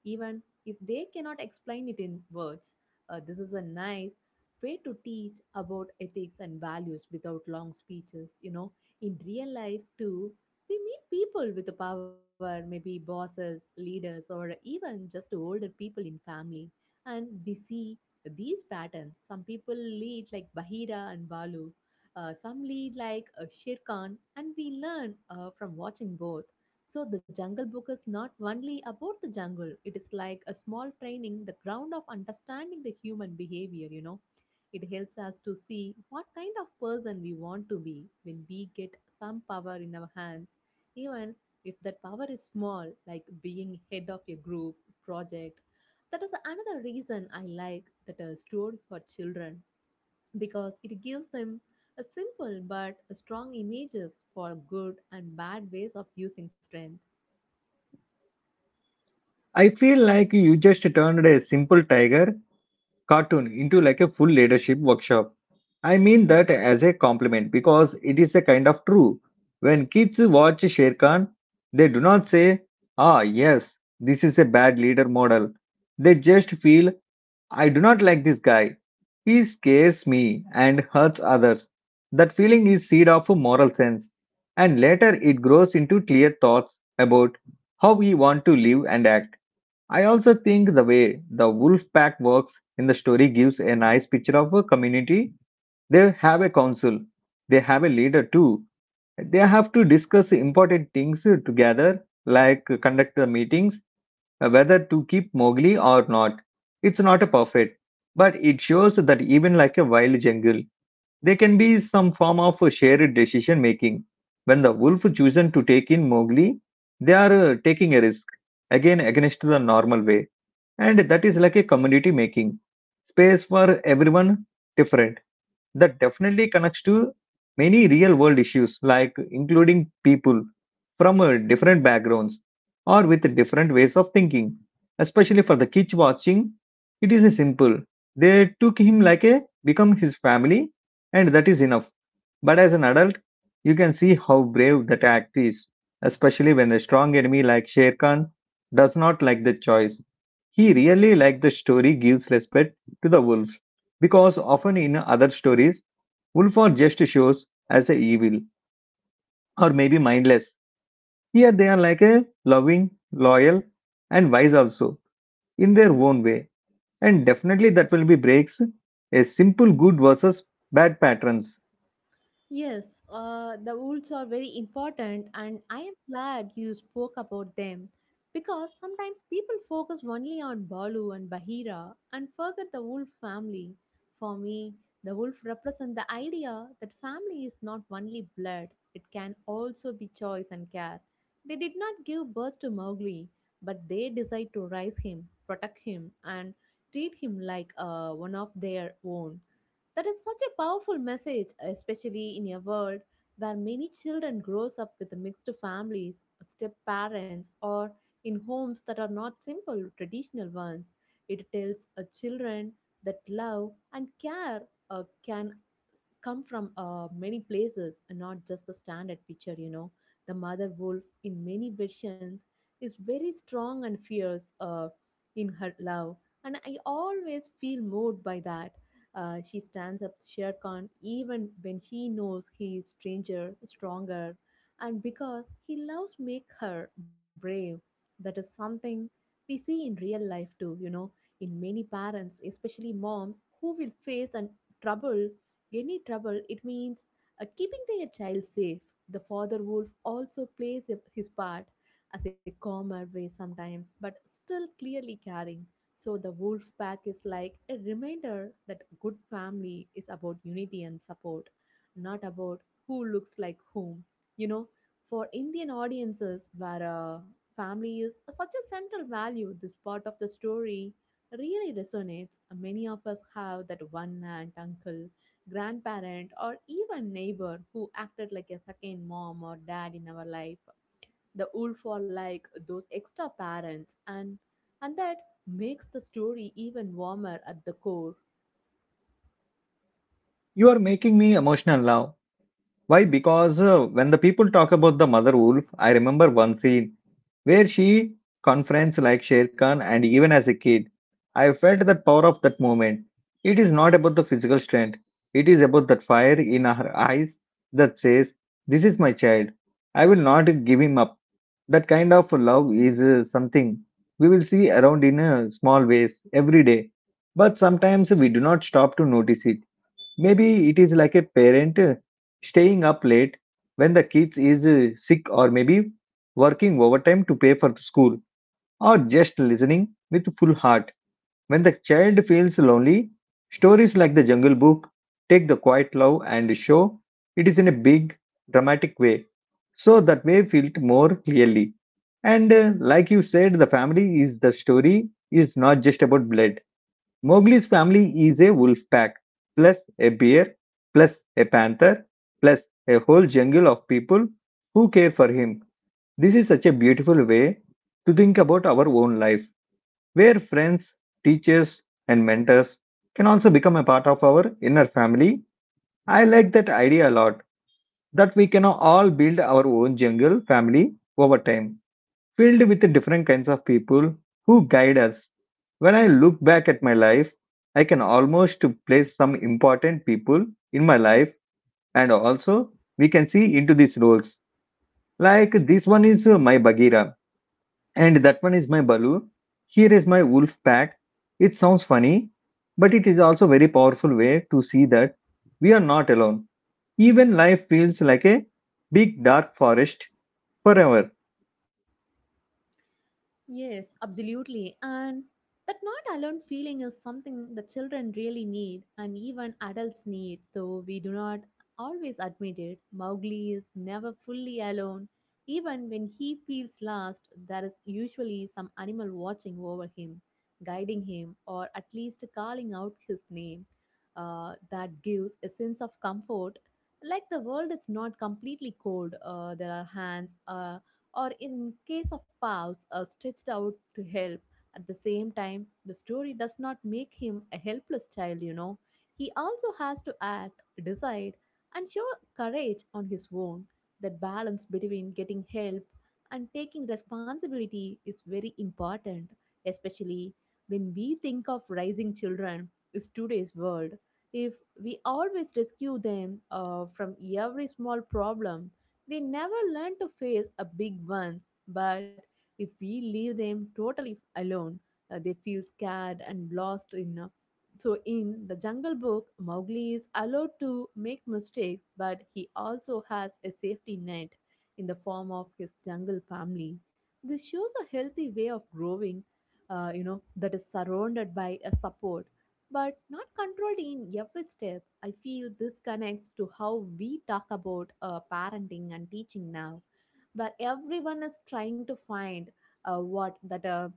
Speaker 2: even if they cannot explain it in words. This is a nice way to teach about ethics and values without long speeches. You know, in real life too, we meet people with the power, maybe bosses, leaders, or even just older people in family, and we see these patterns. Some people lead like Bahira and Balu some lead like Shere Khan, and we learn from watching both. So the Jungle Book is not only about the jungle; it is like a small training, the ground of understanding the human behavior. You know, it helps us to see what kind of person we want to be when we get some power in our hands, even if that power is small, like being head of a group project that is another reason I like that a story for children because it gives them a simple but strong images for good and bad ways of using strength.
Speaker 1: I feel like you just turned a simple tiger cartoon into like a full leadership workshop. I mean that as a compliment because it is a kind of true. When kids watch Sher Khan, they do not say, ah, yes, this is a bad leader model. They just feel, I do not like this guy. He scares me and hurts others. That feeling is seed of a moral sense. And later it grows into clear thoughts about how we want to live and act. I also think the way the wolf pack works in the story gives a nice picture of a community. They have a council, they have a leader too. They have to discuss important things together, like conduct the meetings, whether to keep Mowgli or not. It's not a perfect, but it shows that even like a wild jungle, there can be some form of a shared decision making. When the wolf chosen to take in Mowgli, they are taking a risk again against the normal way, and that is like a community making space for everyone different. That definitely connects to many real world issues like including people from different backgrounds or with different ways of thinking. Especially for the kids watching, it is a simple, they took him like a become his family, and that is enough. But as an adult, you can see how brave that act is, especially when the strong enemy like Sher Khan does not like the choice. He really like the story gives respect to the wolf, because often in other stories, wolf are just shows as a evil or maybe mindless. Here they are like a loving, loyal, and wise also in their own way, and definitely that will be breaks a simple good versus bad patterns.
Speaker 2: Yes, the rules are very important, and I am glad you spoke about them because sometimes people focus only on Balu and Bahira and forget the wolf family. For me, the wolf represents the idea that family is not only blood, it can also be choice and care. They did not give birth to Mowgli, but they decide to raise him, protect him, and treat him like one of their own that is such a powerful message, especially in a world where many children grows up with mixed families, step parents, or in homes that are not simple traditional ones. It tells a children that love and care can come from many places and not just the standard picture, you know. The mother wolf in many versions is very strong and fierce, in her love, and I always feel moved by that. She stands up to Shere Khan even when she knows he is stranger, stronger, and because he loves make her brave. That is something we see in real life too, you know, in many parents, especially moms, who will face an trouble any trouble, it means keeping their child safe. The father wolf also plays his part as a calmer way sometimes, but still clearly caring. So the wolf pack is like a reminder that good family is about unity and support, not about who looks like whom. You know, for Indian audiences where family is such a central value, this part of the story really resonates. Many of us have that one aunt, uncle, grandparent, or even neighbor who acted like a second mom or dad in our life. The wolf are like those extra parents, and that makes the story even warmer at the core.
Speaker 1: You are making me emotional now. Why? Because when the people talk about the mother wolf, I remember one scene where she confronts like Sher Khan, and even as a kid, I felt that power of that moment. It is not about the physical strength, it is about that fire in her eyes that says, this is my child. I will not give him up. That kind of love is something we will see around in small ways every day, but sometimes we do not stop to notice it. Maybe it is like a parent staying up late when the kids is sick or maybe working overtime to pay for the school or just listening with full heart when the child feels lonely. Stories like The Jungle Book take the quiet love and show it is in a big dramatic way so that way felt more clearly. And like you said, the family is the story is not just about blood. Mowgli's family is a wolf pack, plus a bear, plus a panther, plus a whole jungle of people who care for him. This is such a beautiful way to think about our own life, where friends, teachers, and mentors can also become a part of our inner family. I like that idea a lot, that we can all build our own jungle family over time filled with the different kinds of people who guide us. When I look back at my life, I can almost place some important people in my life, and also we can see into these roles. Like this one is my Bagheera, and that one is my Balu. Here is my wolf pack. It sounds funny, but it is also very powerful way to see that we are not alone. Even life feels like a big dark forest forever.
Speaker 2: Yes, absolutely. And that not alone feeling is something the children really need and even adults need, though we do not always admit it. Mowgli is never fully alone. Even when he feels lost, there is usually some animal watching over him, guiding him, or at least calling out his name. That gives a sense of comfort. Like the world is not completely cold, there are hands, or in case of Pavs, stretched out to help. At the same time, the story does not make him a helpless child, you know. He also has to act, decide, and show courage on his own. That balance between getting help and taking responsibility is very important, especially when we think of raising children is today's world if we always rescue them from every small problem they never learn to face a big ones, but if we leave them totally alone, they feel scared and lost in. So in the Jungle Book, Mowgli is allowed to make mistakes, but he also has a safety net in the form of his jungle family. This shows a healthy way of growing, you know, that is surrounded by a support but not controlled in every step. I feel this connects to how we talk about parenting and teaching now, where everyone is trying to find what that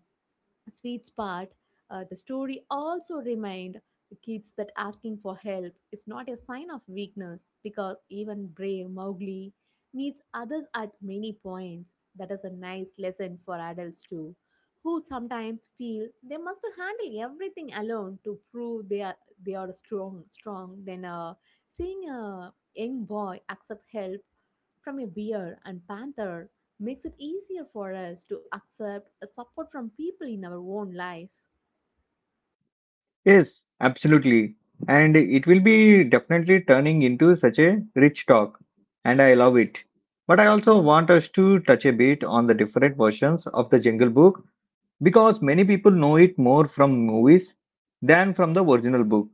Speaker 2: sweet spot. The story also remind kids that asking for help is not a sign of weakness because even brave mowgli needs others at many points that is a nice lesson for adults too who sometimes feel they must handle everything alone to prove they are strong then, seeing a young boy accept help from a bear and panther makes it easier for us to accept a support from people in our own life.
Speaker 1: Yes, absolutely. And it will be definitely turning into such a rich talk, and I love it. But I also want us to touch a bit on the different versions of the Jungle Book because many people know it more from movies than from the original book.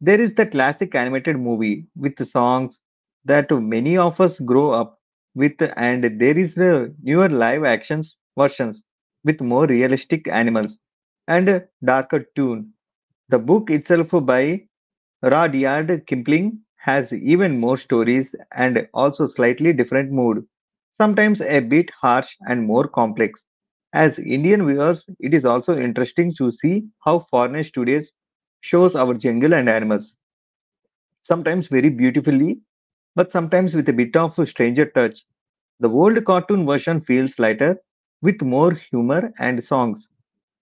Speaker 1: There is the classic animated movie with the songs that many of us grow up with, and there is the newer live actions versions with more realistic animals and darker tune. The book itself by Rudyard Kipling has even more stories and also slightly different mood, sometimes a bit harsh and more complex. As Indian viewers, it is also interesting to see how foreigners today shows our jungle and animals sometimes very beautifully, but sometimes with a bit of a stranger touch. The old cartoon version feels lighter, with more humor and songs,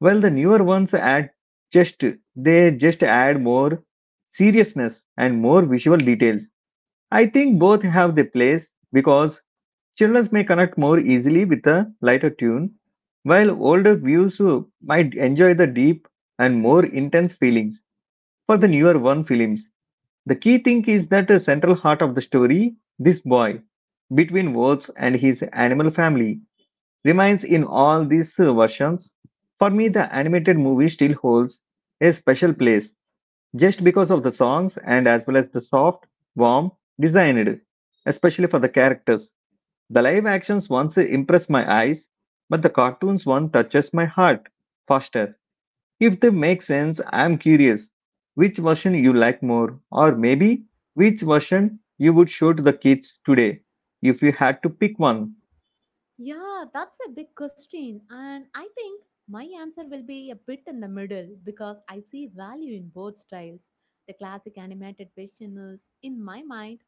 Speaker 1: while the newer ones add just they just add more seriousness and more visual details. I think both have their place because children may connect more easily with a lighter tune, while older views might enjoy the deep and more intense feelings for the newer one films. The key thing is that the central heart of the story, this boy, between wolves and his animal family, remains in all these versions. For me, the animated movie still holds a special place just because of the songs and as well as the soft, warm, designed, especially for the characters. The live actions once impress my eyes, but the cartoons one touches my heart faster. If they make sense, I'm curious which version you like more, or maybe which version you would show to the kids today if you had to pick one.
Speaker 2: Yeah, that's a big question. And I think my answer will be a bit in the middle because I see value in both styles. The classic animated version is, in my mind,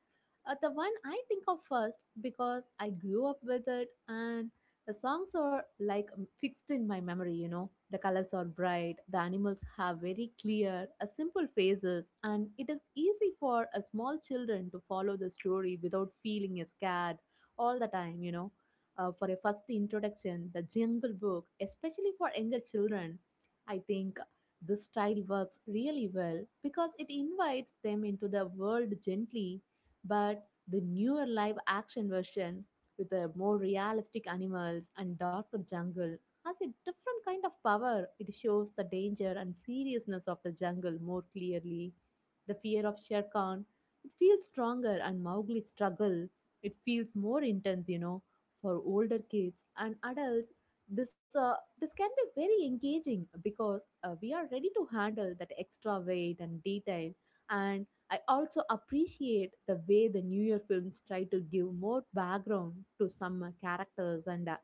Speaker 2: the one I think of first because I grew up with it and the songs are like fixed in my memory, you know. The colors are bright, the animals have very clear, simple faces, and it is easy for a small children to follow the story without feeling scared all the time, you know. For a first introduction, the Jungle Book, especially for younger children. I think this style works really well because it invites them into the world gently, but the newer live action version with the more realistic animals and darker jungle has a different kind of power. It shows the danger and seriousness of the jungle more clearly. The fear of Shere Khan, it feels stronger and Mowgli's struggle, it feels more intense, you know for older kids and adults, this uh, this can be very engaging because we are ready to handle that extra weight and detail. And I also appreciate the way the newer films try to give more background to some characters and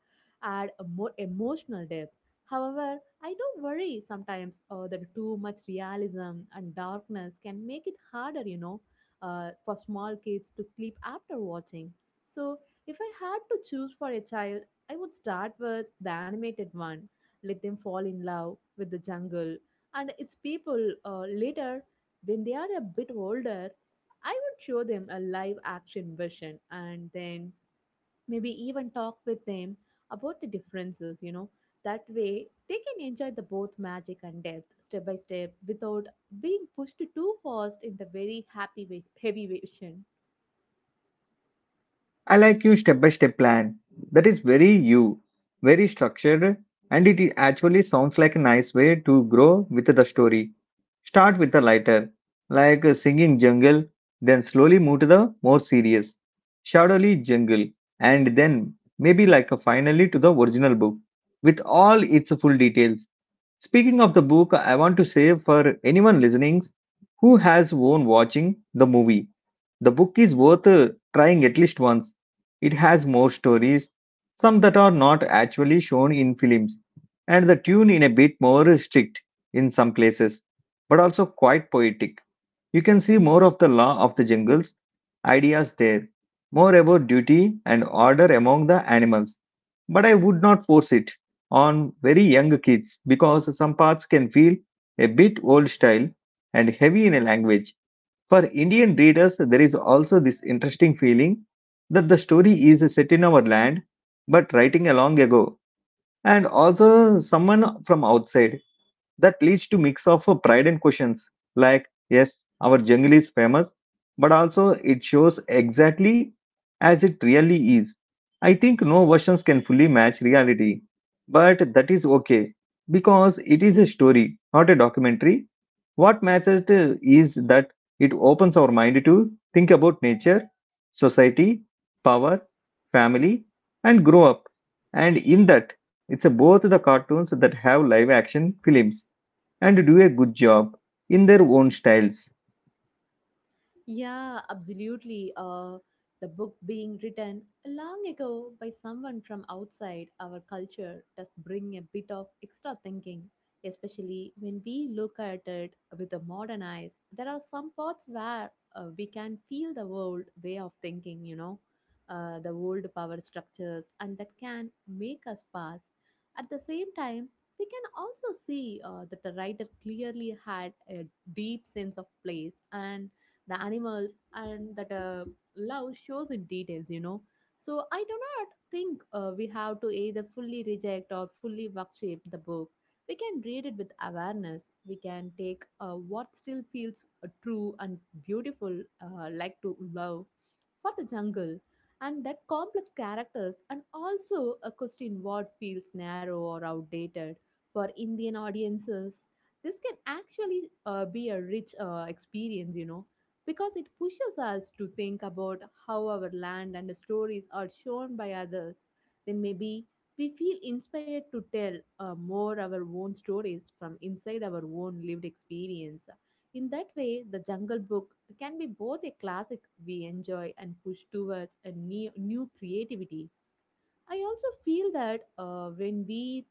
Speaker 2: add a more emotional depth. However, I do worry sometimes that too much realism and darkness can make it harder, you know, for small kids to sleep after watching. So if I had to choose for a child, I would start with the animated one, let them fall in love with the jungle and its people. Later, when they are a bit older, I would show them a live action version and then maybe even talk with them about the differences, you know. That way, they can enjoy the both magic and depth step by step without being pushed too fast in the very happy, heavy version.
Speaker 1: I like your step by step plan. That is very you, very structured, and it actually sounds like a nice way to grow with the story. Start with the lighter, like a singing jungle, then slowly move to the more serious, shadowy jungle, and then maybe like a finally to the original book with all its full details. Speaking of the book, I want to say for anyone listening who has own watching the movie, the book is worth trying at least once. It has more stories, some that are not actually shown in films, and the tune in a bit more strict in some places, but also quite poetic. You can see more of the law of the jungles ideas there, more about duty and order among the animals. But I would not force it on very young kids because some parts can feel a bit old style and heavy in a language. For Indian readers, there is also this interesting feeling that the story is set in our land but writing long ago and also someone from outside. That leads to mix of pride and questions like yes our jungle is famous, but also it shows exactly as it really is. I think no versions can fully match reality, but that is okay because it is a story, not a documentary. What matters is that it opens our mind to think about nature, society, power, family, and grow up, and in that, it's a both the cartoons that have live action films and do a good job in their own styles.
Speaker 2: Yeah, absolutely. The book being written long ago by someone from outside our culture does bring a bit of extra thinking, especially when we look at it with the modern eyes. There are some parts where we can feel the old way of thinking, you know, the old power structures, and that can make us pass. At the same time, we can also see that the writer clearly had a deep sense of place and the animals and that love shows in details, you know. So I do not think we have to either fully reject or fully worship the book. We can read it with awareness. We can take what still feels true and beautiful, like to love for the jungle and that complex characters and also a question what feels narrow or outdated. For indian audiences this can actually be a rich experience, you know, because it pushes us to think about how our land and stories are shown by others. Then maybe we feel inspired to tell more our own stories from inside our own lived experience. In that way, the Jungle Book can be both a classic we enjoy and push towards a new creativity. I also feel that when we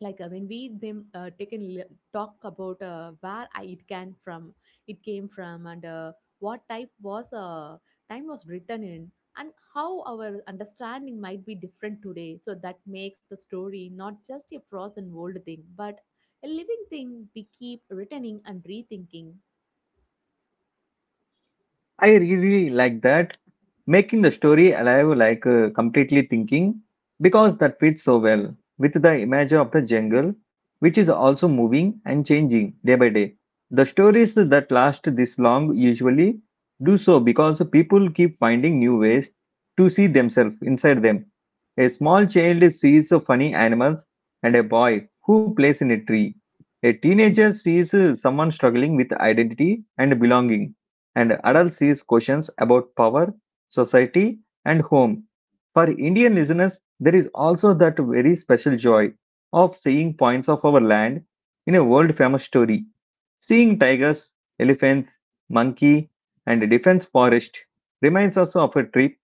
Speaker 2: like when we them take and talk about where I, it can from it came from and, what type was time was written in and how our understanding might be different today so that makes the story not just a frozen old thing but a living thing we keep returning and rethinking.
Speaker 1: I really like that. Making the story alive, like completely thinking, because that fits so well with the image of the jungle, which is also moving and changing day by day. The stories that last this long usually do so because people keep finding new ways to see themselves inside them. A small child sees funny animals and a boy who plays in a tree. A teenager sees someone struggling with identity and belonging, and adult sees questions about power, society, and home. For Indian listeners, there is also that very special joy of seeing points of our land in a world famous story. Seeing tigers, elephants, monkey, and defense forest reminds us of a trip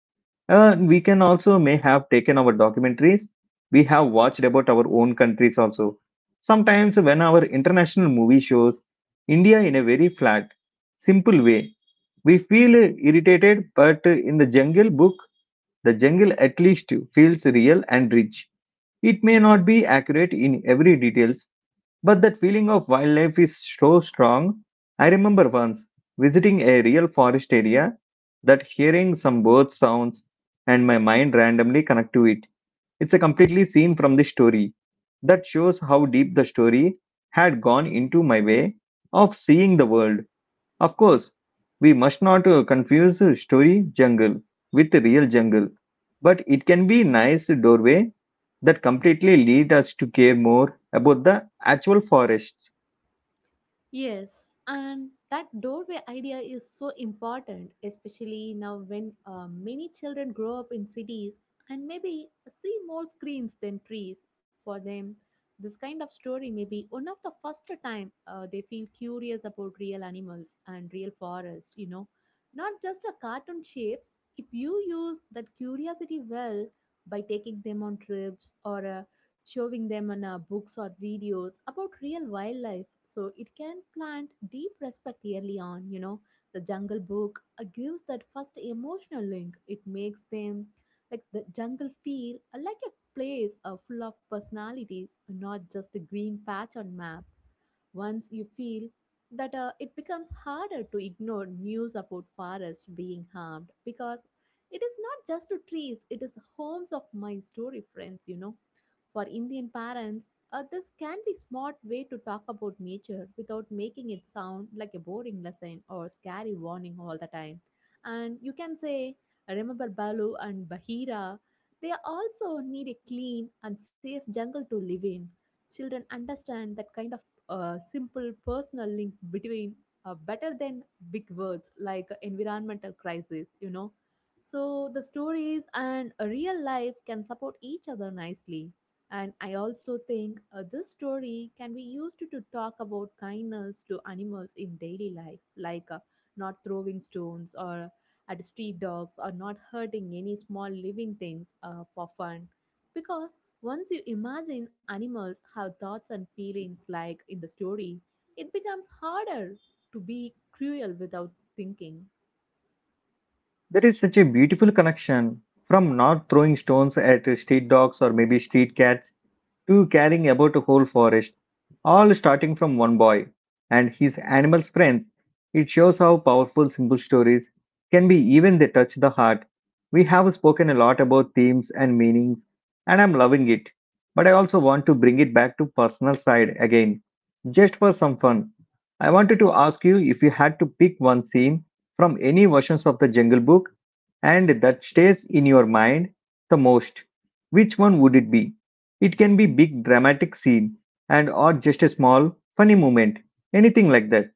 Speaker 1: we can also may have taken our documentaries we have watched about our own countries also. Sometimes when our international movie shows India in a very flat, simple way, we feel irritated, but in the jungle book, the jungle at least feels real and rich. It may not be accurate in every details, but that feeling of wildlife is so strong. I remember once visiting a real forest area that hearing some bird sounds and my mind randomly connect to it. It's a completely scene from the story. That shows how deep the story had gone into my way of seeing the world. Of course, we must not confuse story jungle with real jungle, but it can be nice doorway that completely lead us to care more about the actual forests.
Speaker 2: Yes, and that doorway idea is so important, especially now when many children grow up in cities and maybe see more screens than trees. For them, this kind of story may be one of the first time they feel curious about real animals and real forest. You know, not just a cartoon shapes. If you use that curiosity well by taking them on trips or showing them on books or videos about real wildlife so it can plant deep respect early on, you know. The jungle book, gives that first emotional link. It makes them like the jungle feel like a place full of personalities not just a green patch on map. Once you feel that it becomes harder to ignore news about forest being harmed because it is not just to trees, it is homes of my story friends, you know. For Indian parents, this can be smart way to talk about nature without making it sound like a boring lesson or scary warning all the time. And you can say, remember Balu and Bahira, they also need a clean and safe jungle to live in. Children understand that kind of a simple personal link between better than big words like environmental crisis, you know. So the stories and a real life can support each other nicely. And I also think this story can be used to talk about kindness to animals in daily life, like, not throwing stones or at street dogs or not hurting any small living things for fun because once you imagine animals have thoughts and feelings like in the story, it becomes harder to be cruel without thinking.
Speaker 1: There is such a beautiful connection from not throwing stones at street dogs or maybe street cats two carrying about a whole forest, all starting from one boy and his animal friends. It shows how powerful simple stories can be, even they touch the heart. We have spoken a lot about themes and meanings, and I'm loving it. But I also want to bring it back to personal side again, just for some fun. I wanted to ask you if you had to pick one scene from any versions of the Jungle Book and that stays in your mind the most, which one would it be? It can be big dramatic scene and or just a small funny moment, anything like that.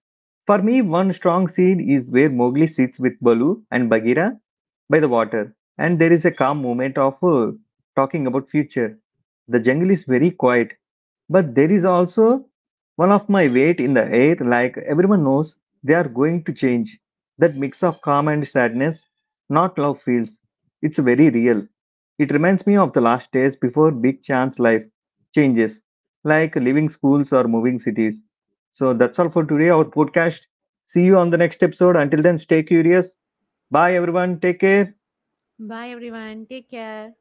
Speaker 1: For me, one strong scene is where Mowgli sits with Baloo and Bagheera by the water, and there is a calm moment of talking about future. The jungle is very quiet, but there is also one of my weight in the air. Like everyone knows, they are going to change. That mix of calm and sadness, not love feels. It's very real. It reminds me of the last days before big chance life changes, like leaving schools or moving cities. So that's all for today, our podcast. See you on the next episode. Until then, stay curious. Bye, everyone. Take care.
Speaker 2: Bye, everyone. Take care.